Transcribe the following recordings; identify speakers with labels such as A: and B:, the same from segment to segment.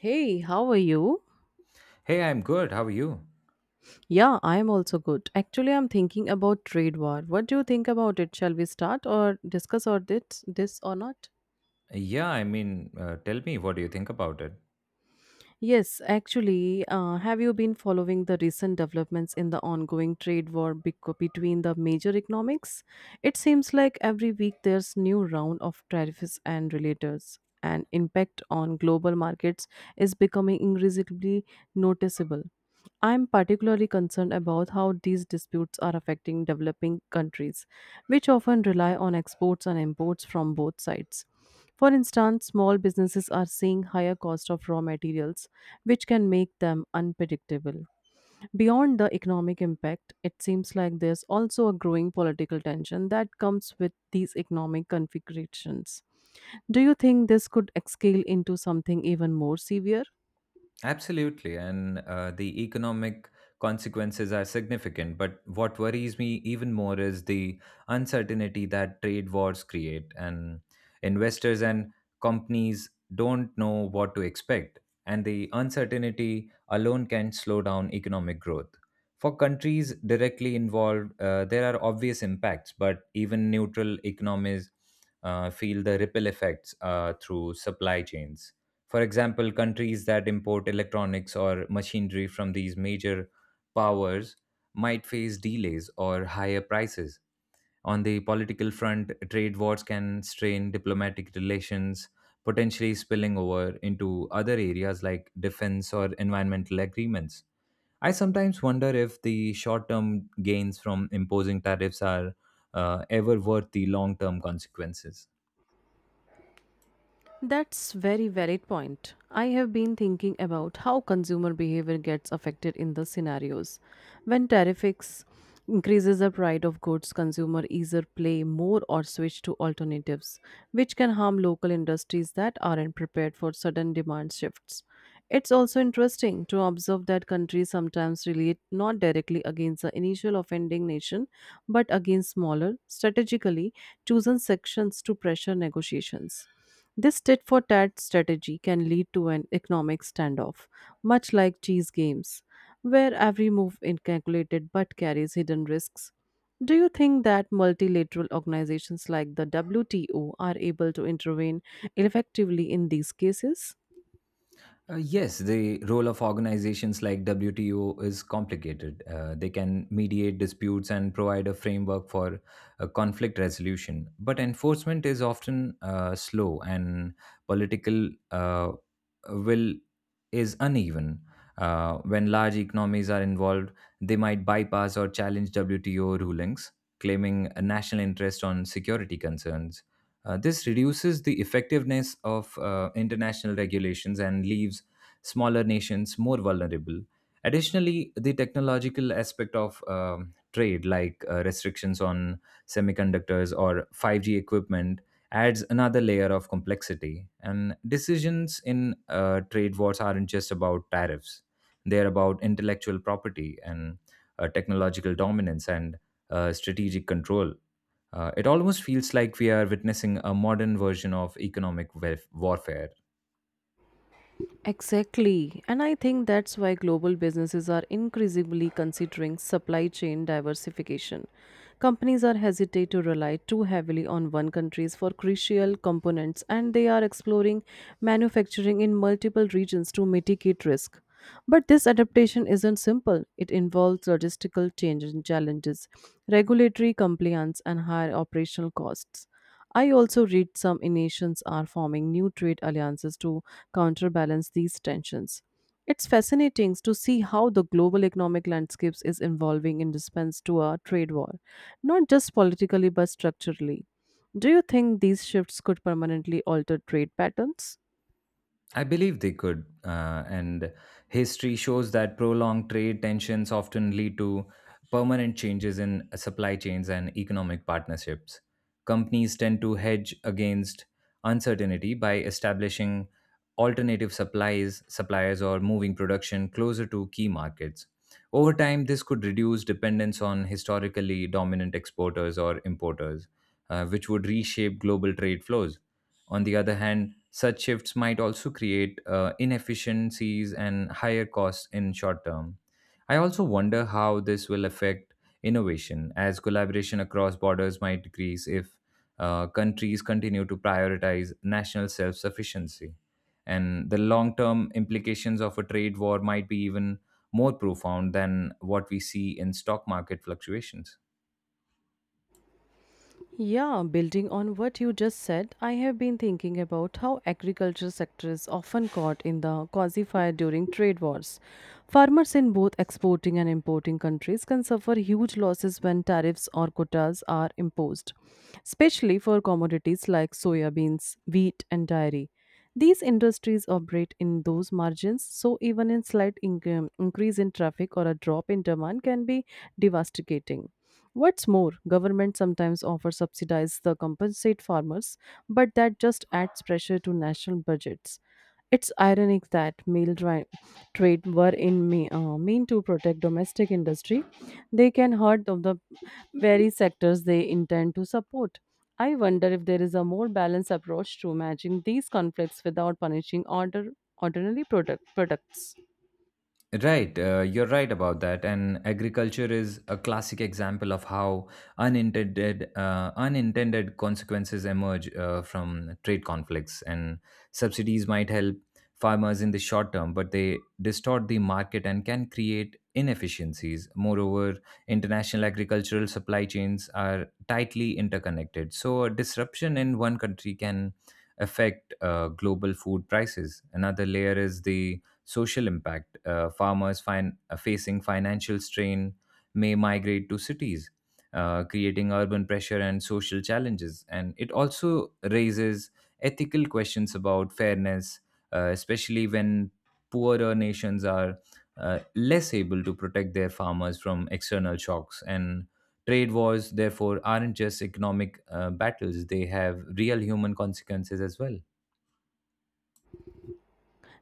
A: Hey, how are you?
B: Hey, I'm good. How are you?
A: Yeah, I'm also good. Actually, I'm thinking about trade war. What do you think about it? Shall we start or discuss or this or not?
B: Yeah, I mean, tell me, what do you think about it?
A: Yes, actually, have you been following the recent developments in the ongoing trade war between the major economics? It seems like every week there's new round of tariffs and relators, and impact on global markets is becoming increasingly noticeable. I'm particularly concerned about how these disputes are affecting developing countries, which often rely on exports and imports from both sides. For instance, small businesses are seeing higher cost of raw materials, which can make them unpredictable. Beyond the economic impact, it seems like there's also a growing political tension that comes with these economic configurations. Do you think this could scale into something even more severe?
B: Absolutely. And the economic consequences are significant. But what worries me even more is the uncertainty that trade wars create, and investors and companies don't know what to expect. And the uncertainty alone can slow down economic growth. For countries directly involved, there are obvious impacts, but even neutral economies feel the ripple effects through supply chains, for example, countries that import electronics or machinery from these major powers might face delays or higher prices. On the political front, trade wars can strain diplomatic relations, potentially spilling over into other areas like defense or environmental agreements. I sometimes wonder if the short term gains from imposing tariffs are ever worth the long term consequences.
A: That's very valid point. I have been thinking about how consumer behavior gets affected in the scenarios. When tariffs increases the price of goods, consumer either play more or switch to alternatives, which can harm local industries that aren't prepared for sudden demand shifts. It's also interesting to observe that countries sometimes relate not directly against the initial offending nation, but against smaller, strategically chosen sections to pressure negotiations. This tit for tat strategy can lead to an economic standoff, much like chess games, where every move is calculated but carries hidden risks. Do you think that multilateral organizations like the WTO are able to intervene effectively in these cases?
B: Yes, the role of organizations like WTO is complicated. They can mediate disputes and provide a framework for conflict resolution, but enforcement is often slow and political will is uneven. When large economies are involved, they might bypass or challenge WTO rulings, claiming a national interest on security concerns. This reduces the effectiveness of international regulations and leaves smaller nations more vulnerable. Additionally, the technological aspect of trade, like restrictions on semiconductors or 5G equipment, adds another layer of complexity. And decisions in trade wars aren't just about tariffs, they're about intellectual property and technological dominance and strategic control. It almost feels like we are witnessing a modern version of economic warfare.
A: Exactly. And I think that's why global businesses are increasingly considering supply chain diversification. Companies are hesitate to rely too heavily on one countries for crucial components and they are exploring manufacturing in multiple regions to mitigate risk. But this adaptation isn't simple. It involves logistical change and challenges, regulatory compliance and higher operational costs. I also read some nations are forming new trade alliances to counterbalance these tensions. It's fascinating to see how the global economic landscapes is evolving in response to a trade war, not just politically but structurally. Do you think these shifts could permanently alter trade patterns?
B: I believe they could, and history shows that prolonged trade tensions often lead to permanent changes in supply chains and economic partnerships. Companies tend to hedge against uncertainty by establishing alternative supplies, suppliers, or moving production closer to key markets. Over time, this could reduce dependence on historically dominant exporters or importers, which would reshape global trade flows. On the other hand, such shifts might also create inefficiencies and higher costs in short term. I also wonder how this will affect innovation, as collaboration across borders might decrease if countries continue to prioritize national self sufficiency. And the long term implications of a trade war might be even more profound than what we see in stock market fluctuations.
A: Yeah, building on what you just said, I have been thinking about how agriculture sector is often caught in the quasi-fire during trade wars. Farmers in both exporting and importing countries can suffer huge losses when tariffs or quotas are imposed, especially for commodities like soybeans, wheat, and dairy. These industries operate in those margins, so even a slight increase in traffic or a drop in demand can be devastating. What's more, government sometimes offer subsidies the compensate farmers, but that just adds pressure to national budgets. It's ironic that trade were in me, mean to protect domestic industry. They can hurt of the very sectors they intend to support. I wonder if there is a more balanced approach to managing these conflicts without punishing ordinary products.
B: Right, you're right about that. And agriculture is a classic example of how unintended consequences emerge from trade conflicts. And subsidies might help farmers in the short term, but they distort the market and can create inefficiencies. Moreover, international agricultural supply chains are tightly interconnected, so a disruption in one country can affect global food prices. Another layer is the social impact. Farmers facing financial strain may migrate to cities, creating urban pressure and social challenges. And it also raises ethical questions about fairness, especially when poorer nations are less able to protect their farmers from external shocks. And trade wars, therefore, aren't just economic battles, they have real human consequences as well.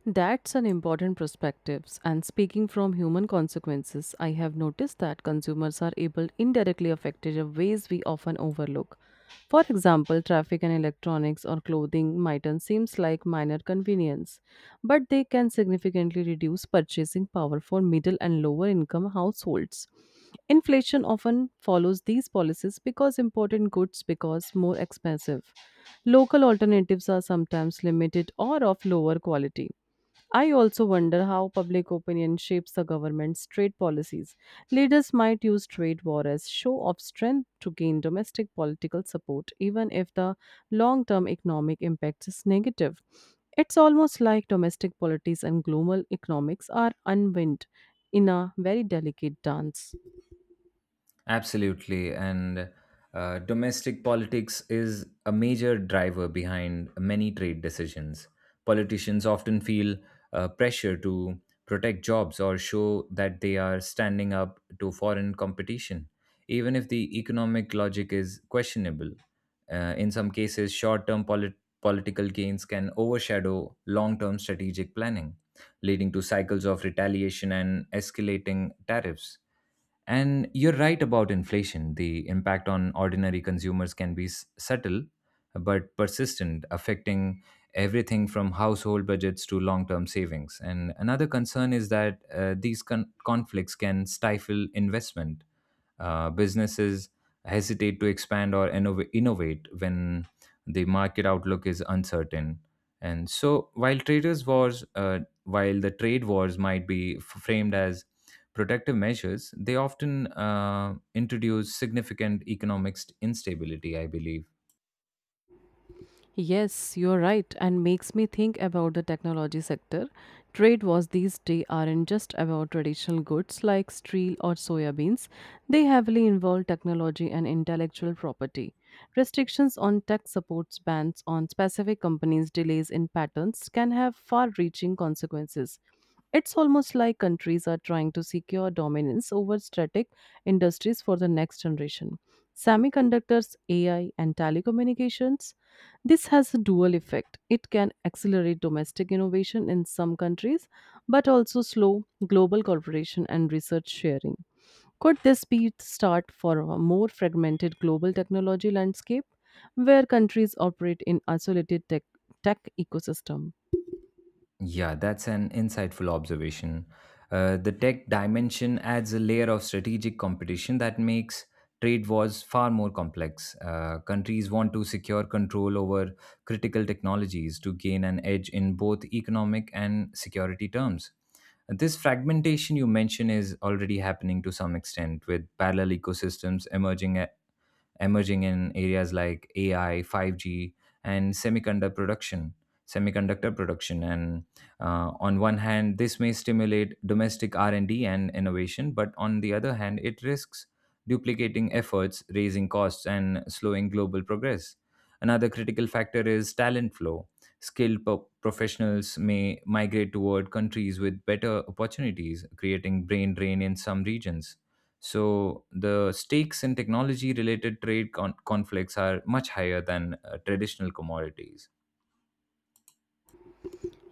A: That's an important perspective. And speaking from human consequences, I have noticed that consumers are able indirectly affected in ways we often overlook. For example, traffic and electronics or clothing might seems like minor convenience, but they can significantly reduce purchasing power for middle and lower income households. Inflation often follows these policies because important goods because more expensive. Local alternatives are sometimes limited or of lower quality. I also wonder how public opinion shapes the government's trade policies. Leaders might use trade war as show of strength to gain domestic political support, even if the long term economic impact is negative. It's almost like domestic politics and global economics are unwind in a very delicate dance.
B: Absolutely. And domestic politics is a major driver behind many trade decisions. Politicians often feel pressure to protect jobs or show that they are standing up to foreign competition, even if the economic logic is questionable. In some cases, short term political gains can overshadow long term strategic planning, leading to cycles of retaliation and escalating tariffs. And you're right about inflation. The impact on ordinary consumers can be subtle but persistent, affecting everything from household budgets to long term savings. And another concern is that these conflicts can stifle investment. Businesses hesitate to expand or innovate when the market outlook is uncertain. And so, while trade wars might be framed as protective measures, they often introduce significant economic instability, I believe.
A: Yes, you're right, and makes me think about the technology sector. Trade wars these days aren't just about traditional goods like steel or soya beans. They heavily involve technology and intellectual property. Restrictions on tech supports, bans on specific companies, delays in patents can have far-reaching consequences. It's almost like countries are trying to secure dominance over strategic industries for the next generation. Semiconductors, AI, and telecommunications this has a dual effect. It can accelerate domestic innovation in some countries, but also slow global cooperation and research sharing. Could this be the start for a more fragmented global technology landscape where countries operate in isolated tech ecosystem?
B: Yeah, that's an insightful observation. The tech dimension adds a layer of strategic competition that makes trade wars far more complex. Countries want to secure control over critical technologies to gain an edge in both economic and security terms. This fragmentation you mention is already happening to some extent with parallel ecosystems emerging in areas like AI, 5G, and semiconductor production. And on one hand, this may stimulate domestic R and D and innovation, but on the other hand, it risks duplicating efforts, raising costs, and slowing global progress. Another critical factor is talent flow. Skilled professionals may migrate toward countries with better opportunities, creating brain drain in some regions. So the stakes in technology related trade conflicts are much higher than traditional commodities.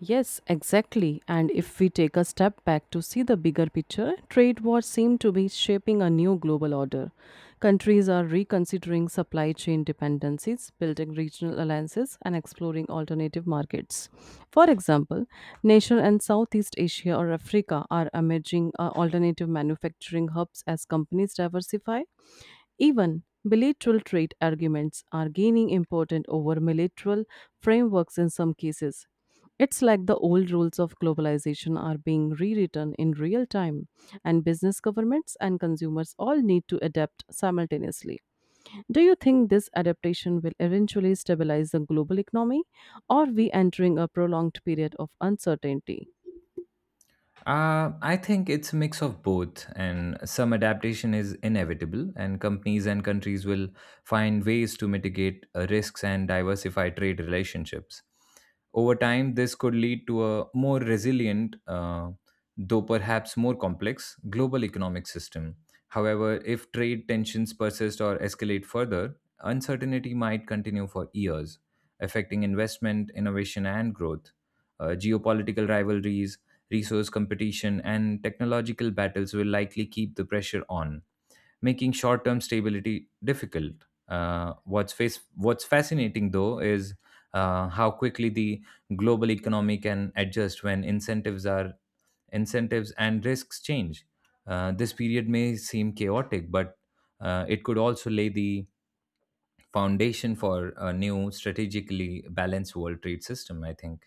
A: Yes, exactly. And if we take a step back to see the bigger picture, trade wars seem to be shaping a new global order. Countries are reconsidering supply chain dependencies, building regional alliances, and exploring alternative markets. For example, nations in Southeast Asia or Africa are emerging alternative manufacturing hubs as companies diversify. Even bilateral trade arguments are gaining importance over multilateral frameworks in some cases. It's like the old rules of globalization are being rewritten in real time, and business, governments, and consumers all need to adapt simultaneously. Do you think this adaptation will eventually stabilize the global economy, or we entering a prolonged period of uncertainty?
B: I think it's a mix of both, and some adaptation is inevitable, and companies and countries will find ways to mitigate risks and diversify trade relationships. Over time, this could lead to a more resilient, though perhaps more complex, global economic system. However, if trade tensions persist or escalate further, uncertainty might continue for years, affecting investment, innovation, and growth. Geopolitical rivalries, resource competition, and technological battles will likely keep the pressure on, making short term stability difficult. What's fascinating, though, is how quickly the global economy can adjust when incentives and risks change. This period may seem chaotic, but it could also lay the foundation for a new strategically balanced world trade system, I think.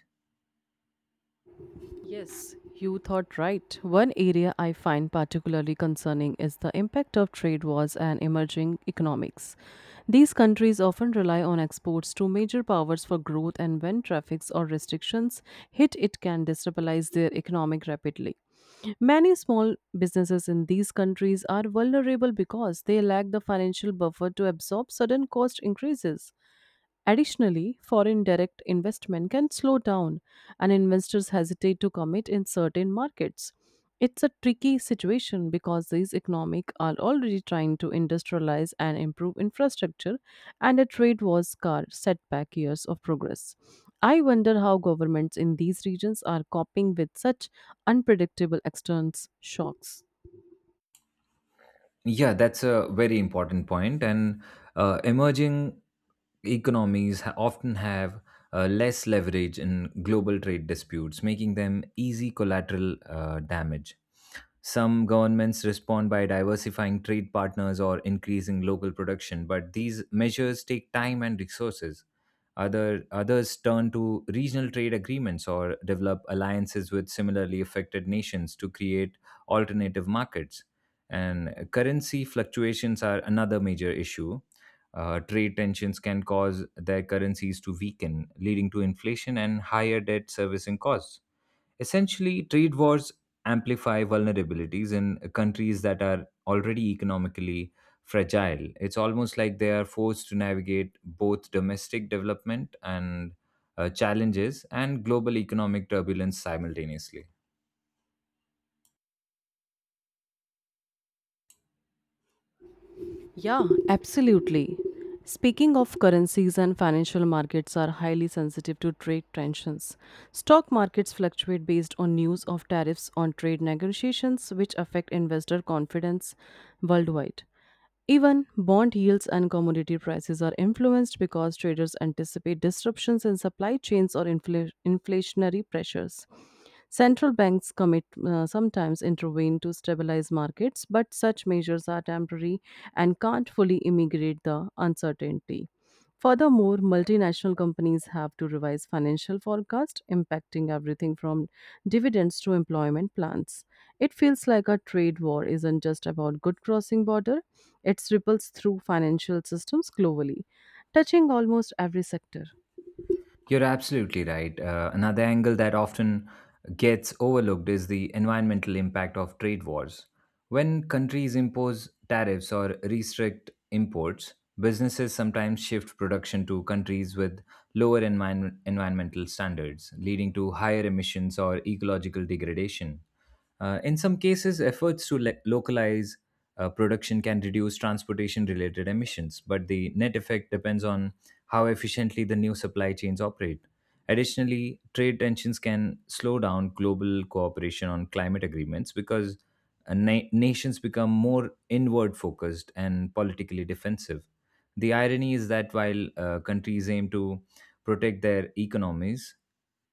A: Yes, you thought right. One area I find particularly concerning is the impact of trade wars and emerging economics. These countries often rely on exports to major powers for growth, and when traffics or restrictions hit, it can destabilize their economic rapidly. Many small businesses in these countries are vulnerable because they lack the financial buffer to absorb sudden cost increases. Additionally, foreign direct investment can slow down and investors hesitate to commit in certain markets. It's a tricky situation because these economic are already trying to industrialize and improve infrastructure and a trade war scar set back years of progress. I wonder how governments in these regions are coping with such unpredictable external shocks.
B: Yeah, that's a very important point. And emerging economies often have less leverage in global trade disputes, making them easy collateral damage. Some governments respond by diversifying trade partners or increasing local production, but these measures take time and resources. Others turn to regional trade agreements or develop alliances with similarly affected nations to create alternative markets. And currency fluctuations are another major issue. Trade tensions can cause their currencies to weaken, leading to inflation and higher debt servicing costs. Essentially, trade wars amplify vulnerabilities in countries that are already economically fragile. It's almost like they are forced to navigate both domestic development and challenges and global economic turbulence simultaneously.
A: Yeah, absolutely. Speaking of currencies and financial markets are highly sensitive to trade tensions. Stock markets fluctuate based on news of tariffs on trade negotiations which affect investor confidence worldwide. Even bond yields and commodity prices are influenced because traders anticipate disruptions in supply chains or inflationary pressures. Central banks commit sometimes intervene to stabilize markets, but such measures are temporary and can't fully mitigate the uncertainty. Furthermore, multinational companies have to revise financial forecasts, impacting everything from dividends to employment plans. It feels like a trade war isn't just about good crossing border; it ripples through financial systems globally, touching almost every sector.
B: You're absolutely right. Another angle that often gets overlooked is the environmental impact of trade wars. When countries impose tariffs or restrict imports, businesses sometimes shift production to countries with lower environmental standards, leading to higher emissions or ecological degradation. In some cases, efforts to localize production can reduce transportation related emissions, but the net effect depends on how efficiently the new supply chains operate. Additionally, trade tensions can slow down global cooperation on climate agreements because nations become more inward focused and politically defensive. The irony is that while countries aim to protect their economies,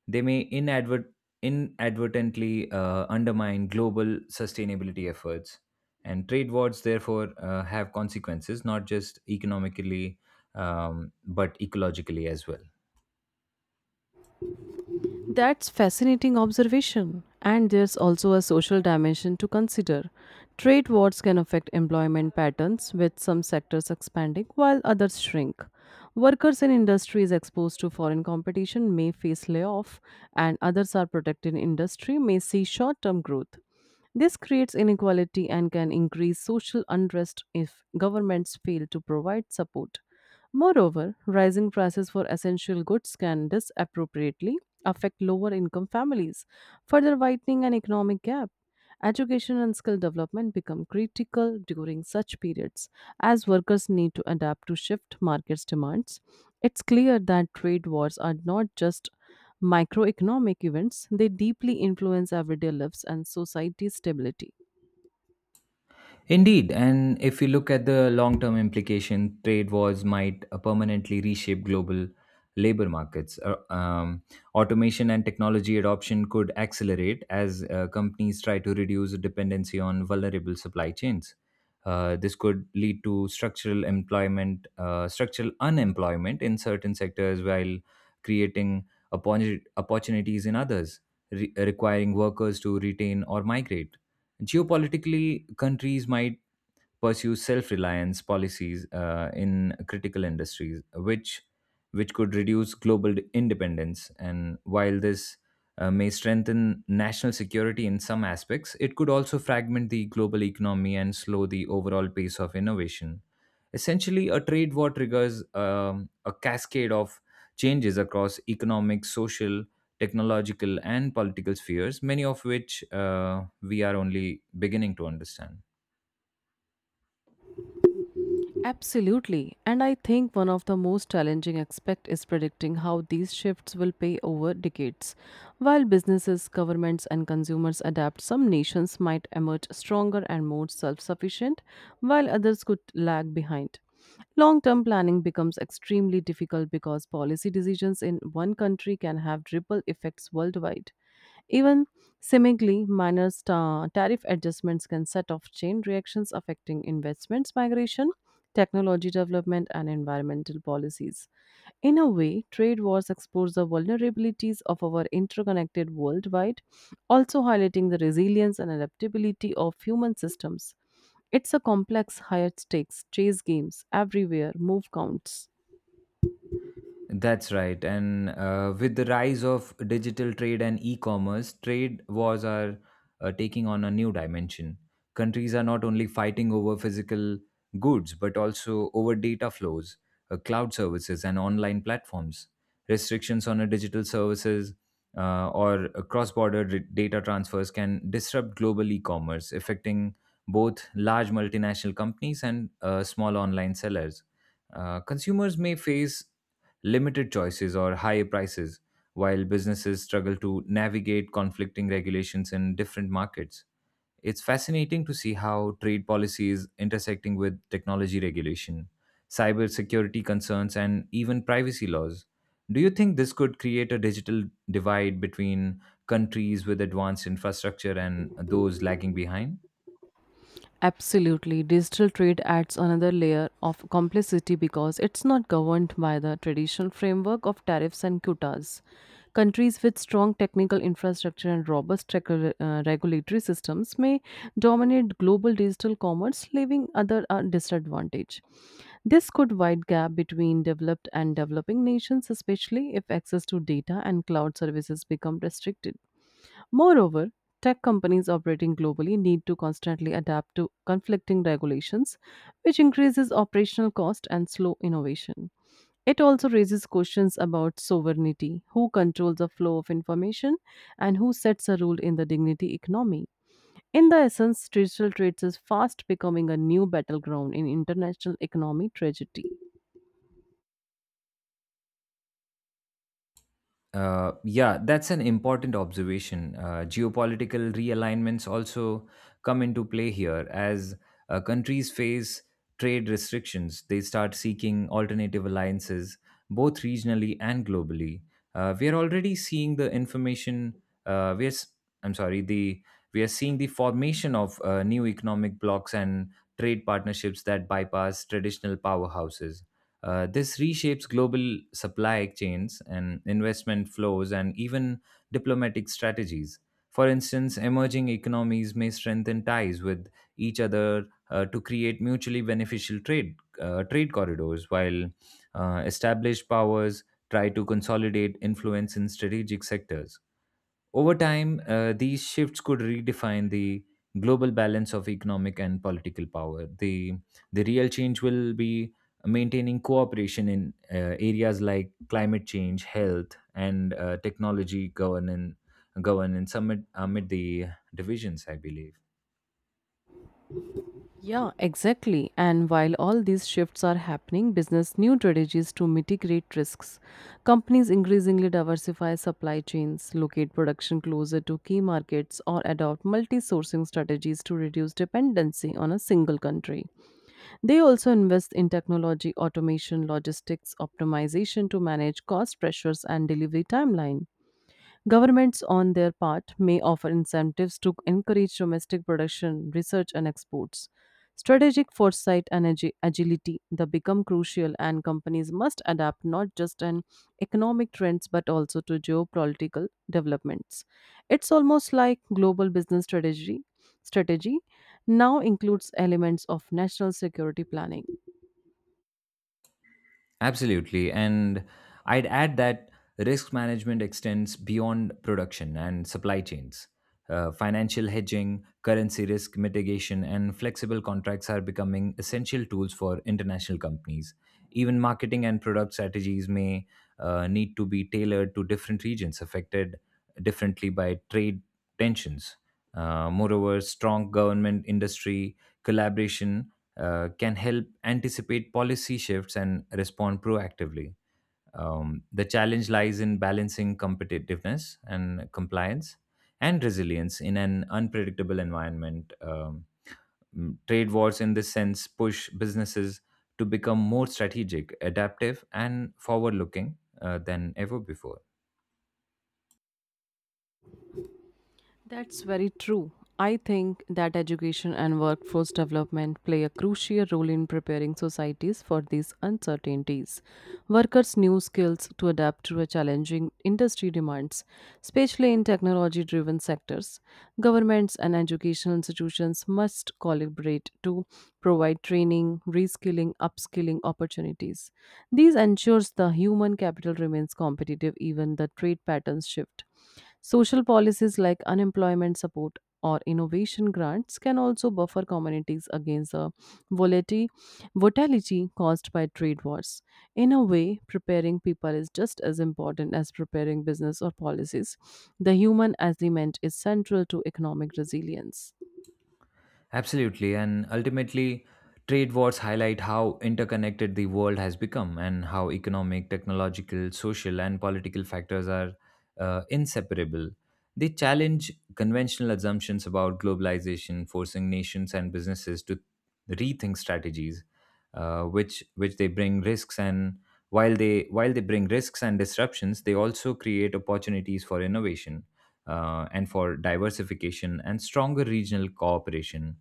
B: they may inadvertently undermine global sustainability efforts. And trade wars, therefore, have consequences not just economically but ecologically as well.
A: That's fascinating observation. And there's also a social dimension to consider. Trade wars can affect employment patterns, with some sectors expanding while others shrink. Workers in industries exposed to foreign competition may face layoff, and others are protected industry may see short term growth. This creates inequality and can increase social unrest if governments fail to provide support. Moreover, rising prices for essential goods can disappropriately affect lower income families, further widening an economic gap. Education and skill development become critical during such periods as workers need to adapt to shift markets demands. It's clear that trade wars are not just microeconomic events, they deeply influence everyday lives and society's stability.
B: Indeed, and if we look at the long term implication, trade wars might permanently reshape global labor markets. Automation and technology adoption could accelerate as companies try to reduce dependency on vulnerable supply chains. This could lead to structural unemployment in certain sectors while creating opportunities in others, requiring workers to retain or migrate. Geopolitically, countries might pursue self-reliance policies in critical industries, which could reduce global independence. And while this may strengthen national security in some aspects, it could also fragment the global economy and slow the overall pace of innovation. Essentially, a trade war triggers a cascade of changes across economic, social, technological, and political spheres, many of which we are only beginning to understand.
A: Absolutely. And I think one of the most challenging aspects is predicting how these shifts will pay over decades. While businesses, governments, and consumers adapt, some nations might emerge stronger and more self sufficient, while others could lag behind. Long term planning becomes extremely difficult because policy decisions in one country can have ripple effects worldwide. Even seemingly minor tariff adjustments can set off chain reactions affecting investments migration technology development, and environmental policies. In a way, trade wars expose the vulnerabilities of our interconnected worldwide, also highlighting the resilience and adaptability of human systems. It's a complex, higher stakes chase games everywhere, move counts.
B: That's right. And with the rise of digital trade and e commerce, trade wars are taking on a new dimension. Countries are not only fighting over physical goods, but also over data flows, cloud services, and online platforms. Restrictions on a digital services or cross border data transfers can disrupt global e commerce, affecting both large multinational companies and small online sellers. Consumers may face limited choices, or high prices, while businesses struggle to navigate conflicting regulations in different markets. It's fascinating to see how trade policy is intersecting with technology regulation, cybersecurity concerns, and even privacy laws. Do you think this could create a digital divide between countries with advanced infrastructure and those lagging behind?
A: Absolutely. Digital trade adds another layer of complexity because it's not governed by the traditional framework of tariffs and quotas. Countries with strong technical infrastructure and robust regulatory systems may dominate global digital commerce, leaving others at disadvantage. This could wide gap between developed and developing nations, especially if access to data and cloud services become restricted. Moreover, tech companies operating globally need to constantly adapt to conflicting regulations, which increases operational cost and slow innovation. It also raises questions about sovereignty who controls the flow of information and who sets a rule in the dignity economy. In the essence, digital trades is fast becoming a new battleground in international economic tragedy.
B: Yeah, that's an important observation. Geopolitical realignments also come into play here. As countries face trade restrictions, they start seeking alternative alliances, both regionally and globally. We are already seeing the information. We are, s- I'm sorry, the We are seeing the formation of new economic blocs and trade partnerships that bypass traditional powerhouses. This reshapes global supply chains and investment flows and even diplomatic strategies. For instance, emerging economies may strengthen ties with each other to create mutually beneficial trade corridors, while established powers try to consolidate influence in strategic sectors. Over time, these shifts could redefine the global balance of economic and political power. The real change will be maintaining cooperation in areas like climate change, health, and technology governance amid the divisions, I believe.
A: Yeah, exactly. And while all these shifts are happening, business new strategies to mitigate risks. Companies increasingly diversify supply chains, locate production closer to key markets, or adopt multi sourcing strategies to reduce dependency on a single country. They also invest in technology, automation, logistics optimization to manage cost pressures and delivery timelines. Governments, on their part, may offer incentives to encourage domestic production, research, and exports. Strategic foresight and agility that become crucial, and companies must adapt not just an economic trends but also to geopolitical developments. It's almost like global business strategy. Strategy now includes elements of national security planning.
B: Absolutely. And I'd add that risk management extends beyond production and supply chains. Financial hedging, currency risk mitigation, and flexible contracts are becoming essential tools for international companies. Even marketing and product strategies may need to be tailored to different regions affected differently by trade tensions. Moreover, strong government industry collaboration can help anticipate policy shifts and respond proactively. The challenge lies in balancing competitiveness and compliance and resilience in an unpredictable environment. Trade wars, in this sense, push businesses to become more strategic, adaptive, and forward looking than ever before.
A: That's very true. I think that education and workforce development play a crucial role in preparing societies for these uncertainties. Workers' new skills to adapt to a challenging industry demands, especially in technology driven sectors. Governments and educational institutions must collaborate to provide training, reskilling, upskilling opportunities. These ensures the human capital remains competitive even the trade patterns shift. Social policies like unemployment support or innovation grants can also buffer communities against the volati- volatility caused by trade wars. In a way, preparing people is just as important as preparing business or policies. The human element is central to economic resilience.
B: Absolutely, and ultimately, trade wars highlight how interconnected the world has become and how economic, technological, social, and political factors are inseparable. They challenge conventional assumptions about globalization, forcing nations and businesses to rethink strategies, which they bring risks and while they bring risks and disruptions, they also create opportunities for innovation and for diversification and stronger regional cooperation.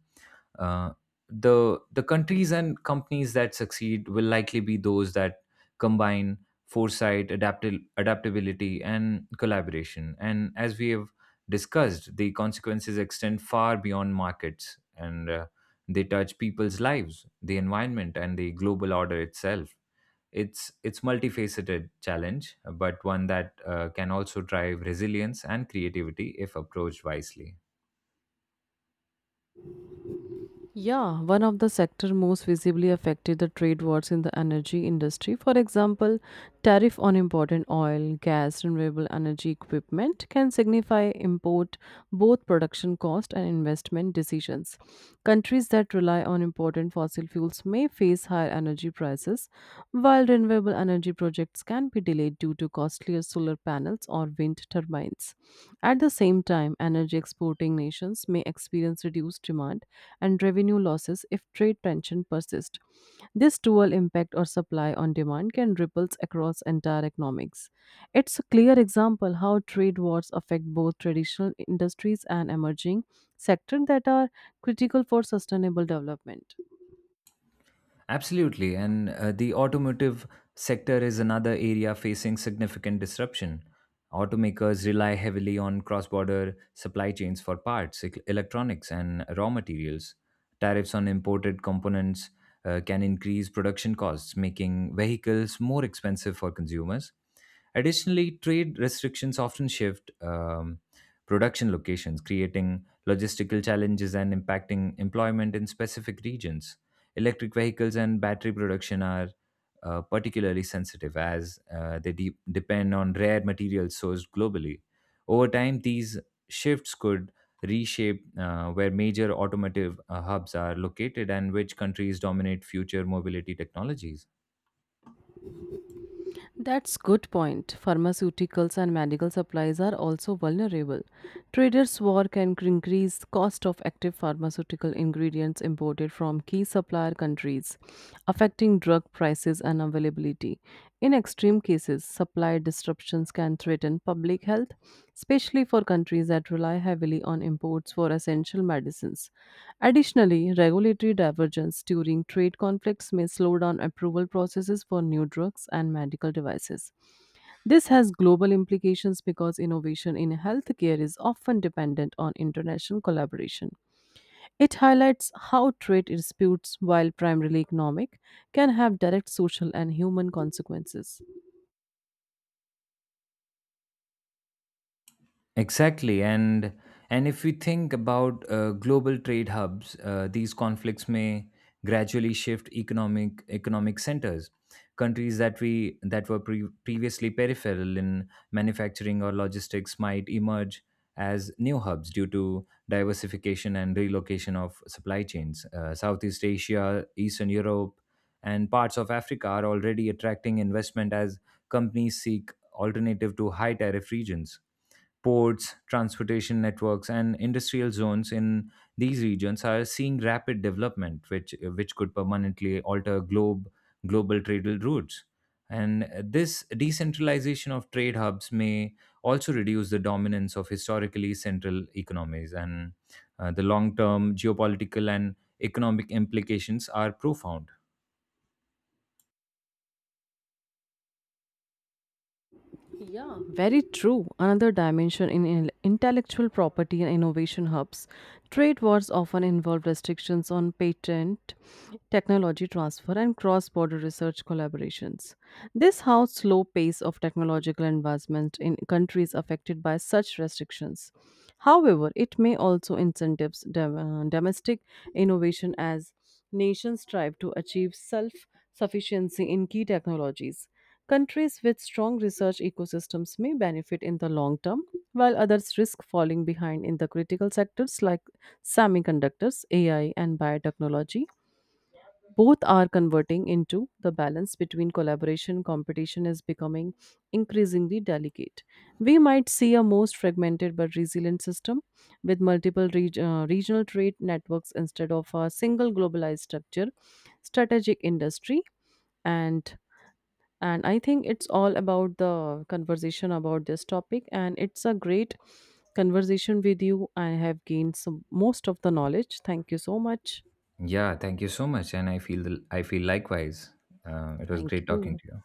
B: Uh, the the countries and companies that succeed will likely be those that combine foresight, adaptability, and collaboration. And as we have discussed, the consequences extend far beyond markets, and they touch people's lives, the environment, and the global order itself. It's multifaceted challenge, but one that can also drive resilience and creativity if approached wisely.
A: Yeah, one of the sector most visibly affected the trade wars in the energy industry. For example, tariff on imported oil, gas, renewable energy equipment can signify import both production cost and investment decisions. Countries that rely on imported fossil fuels may face higher energy prices, while renewable energy projects can be delayed due to costlier solar panels or wind turbines. At the same time, energy exporting nations may experience reduced demand and revenue losses if trade tension persists. This dual impact or supply on demand can ripple across entire economics. It's a clear example how trade wars affect both traditional industries and emerging sectors that are critical for sustainable development.
B: Absolutely. And the automotive sector is another area facing significant disruption. Automakers rely heavily on cross border supply chains for parts, electronics, and raw materials. Tariffs on imported components can increase production costs, making vehicles more expensive for consumers. Additionally, trade restrictions often shift production locations, creating logistical challenges and impacting employment in specific regions. Electric vehicles and battery production are particularly sensitive as depend on rare materials sourced globally. Over time, these shifts could reshape where major automotive hubs are located and which countries dominate future mobility technologies.
A: That's good point. Pharmaceuticals and medical supplies are also vulnerable. Traders' war can increase cost of active pharmaceutical ingredients imported from key supplier countries, affecting drug prices and availability. In extreme cases, prices, supply disruptions can threaten public health, especially for countries that rely heavily on imports for essential medicines. Additionally, regulatory divergence during trade conflicts may slow down approval processes for new drugs and medical devices. This has global implications because innovation in healthcare is often dependent on international collaboration. It highlights how trade disputes, while primarily economic, can have direct social and human consequences.
B: Exactly, and if we think about global trade hubs, these conflicts may gradually shift economic centers. Countries that we that were pre- Previously peripheral in manufacturing or logistics might emerge as new hubs due to diversification and relocation of supply chains. Southeast Asia, Eastern Europe, and parts of Africa are already attracting investment as companies seek alternative to high tariff regions ports, transportation networks, and industrial zones in these regions are seeing rapid development, which could permanently alter globe global trade routes. And this decentralization of trade hubs may also reduce the dominance of historically central economies, and the long-term geopolitical and economic implications are profound.
A: Yeah. Very true. Another dimension in intellectual property and innovation hubs, trade wars often involve restrictions on patent, technology transfer, and cross border research collaborations. This how slow pace of technological advancement in countries affected by such restrictions. However, it may also incentives domestic innovation as nations strive to achieve self sufficiency in key technologies. Countries with strong research ecosystems may benefit in the long term, while others risk falling behind in the critical sectors like semiconductors, AI, and biotechnology. Both are converting into the balance between collaboration competition is becoming increasingly delicate. We might see a most fragmented but resilient system with multiple regional trade networks instead of a single globalized structure, strategic industry, and and I think it's all about the conversation about this topic and it's a great conversation with you I have gained some most of the knowledge thank you so much.
B: Yeah, thank you so much, and I feel likewise. It was
A: Thank
B: great talking
A: you.
B: to you.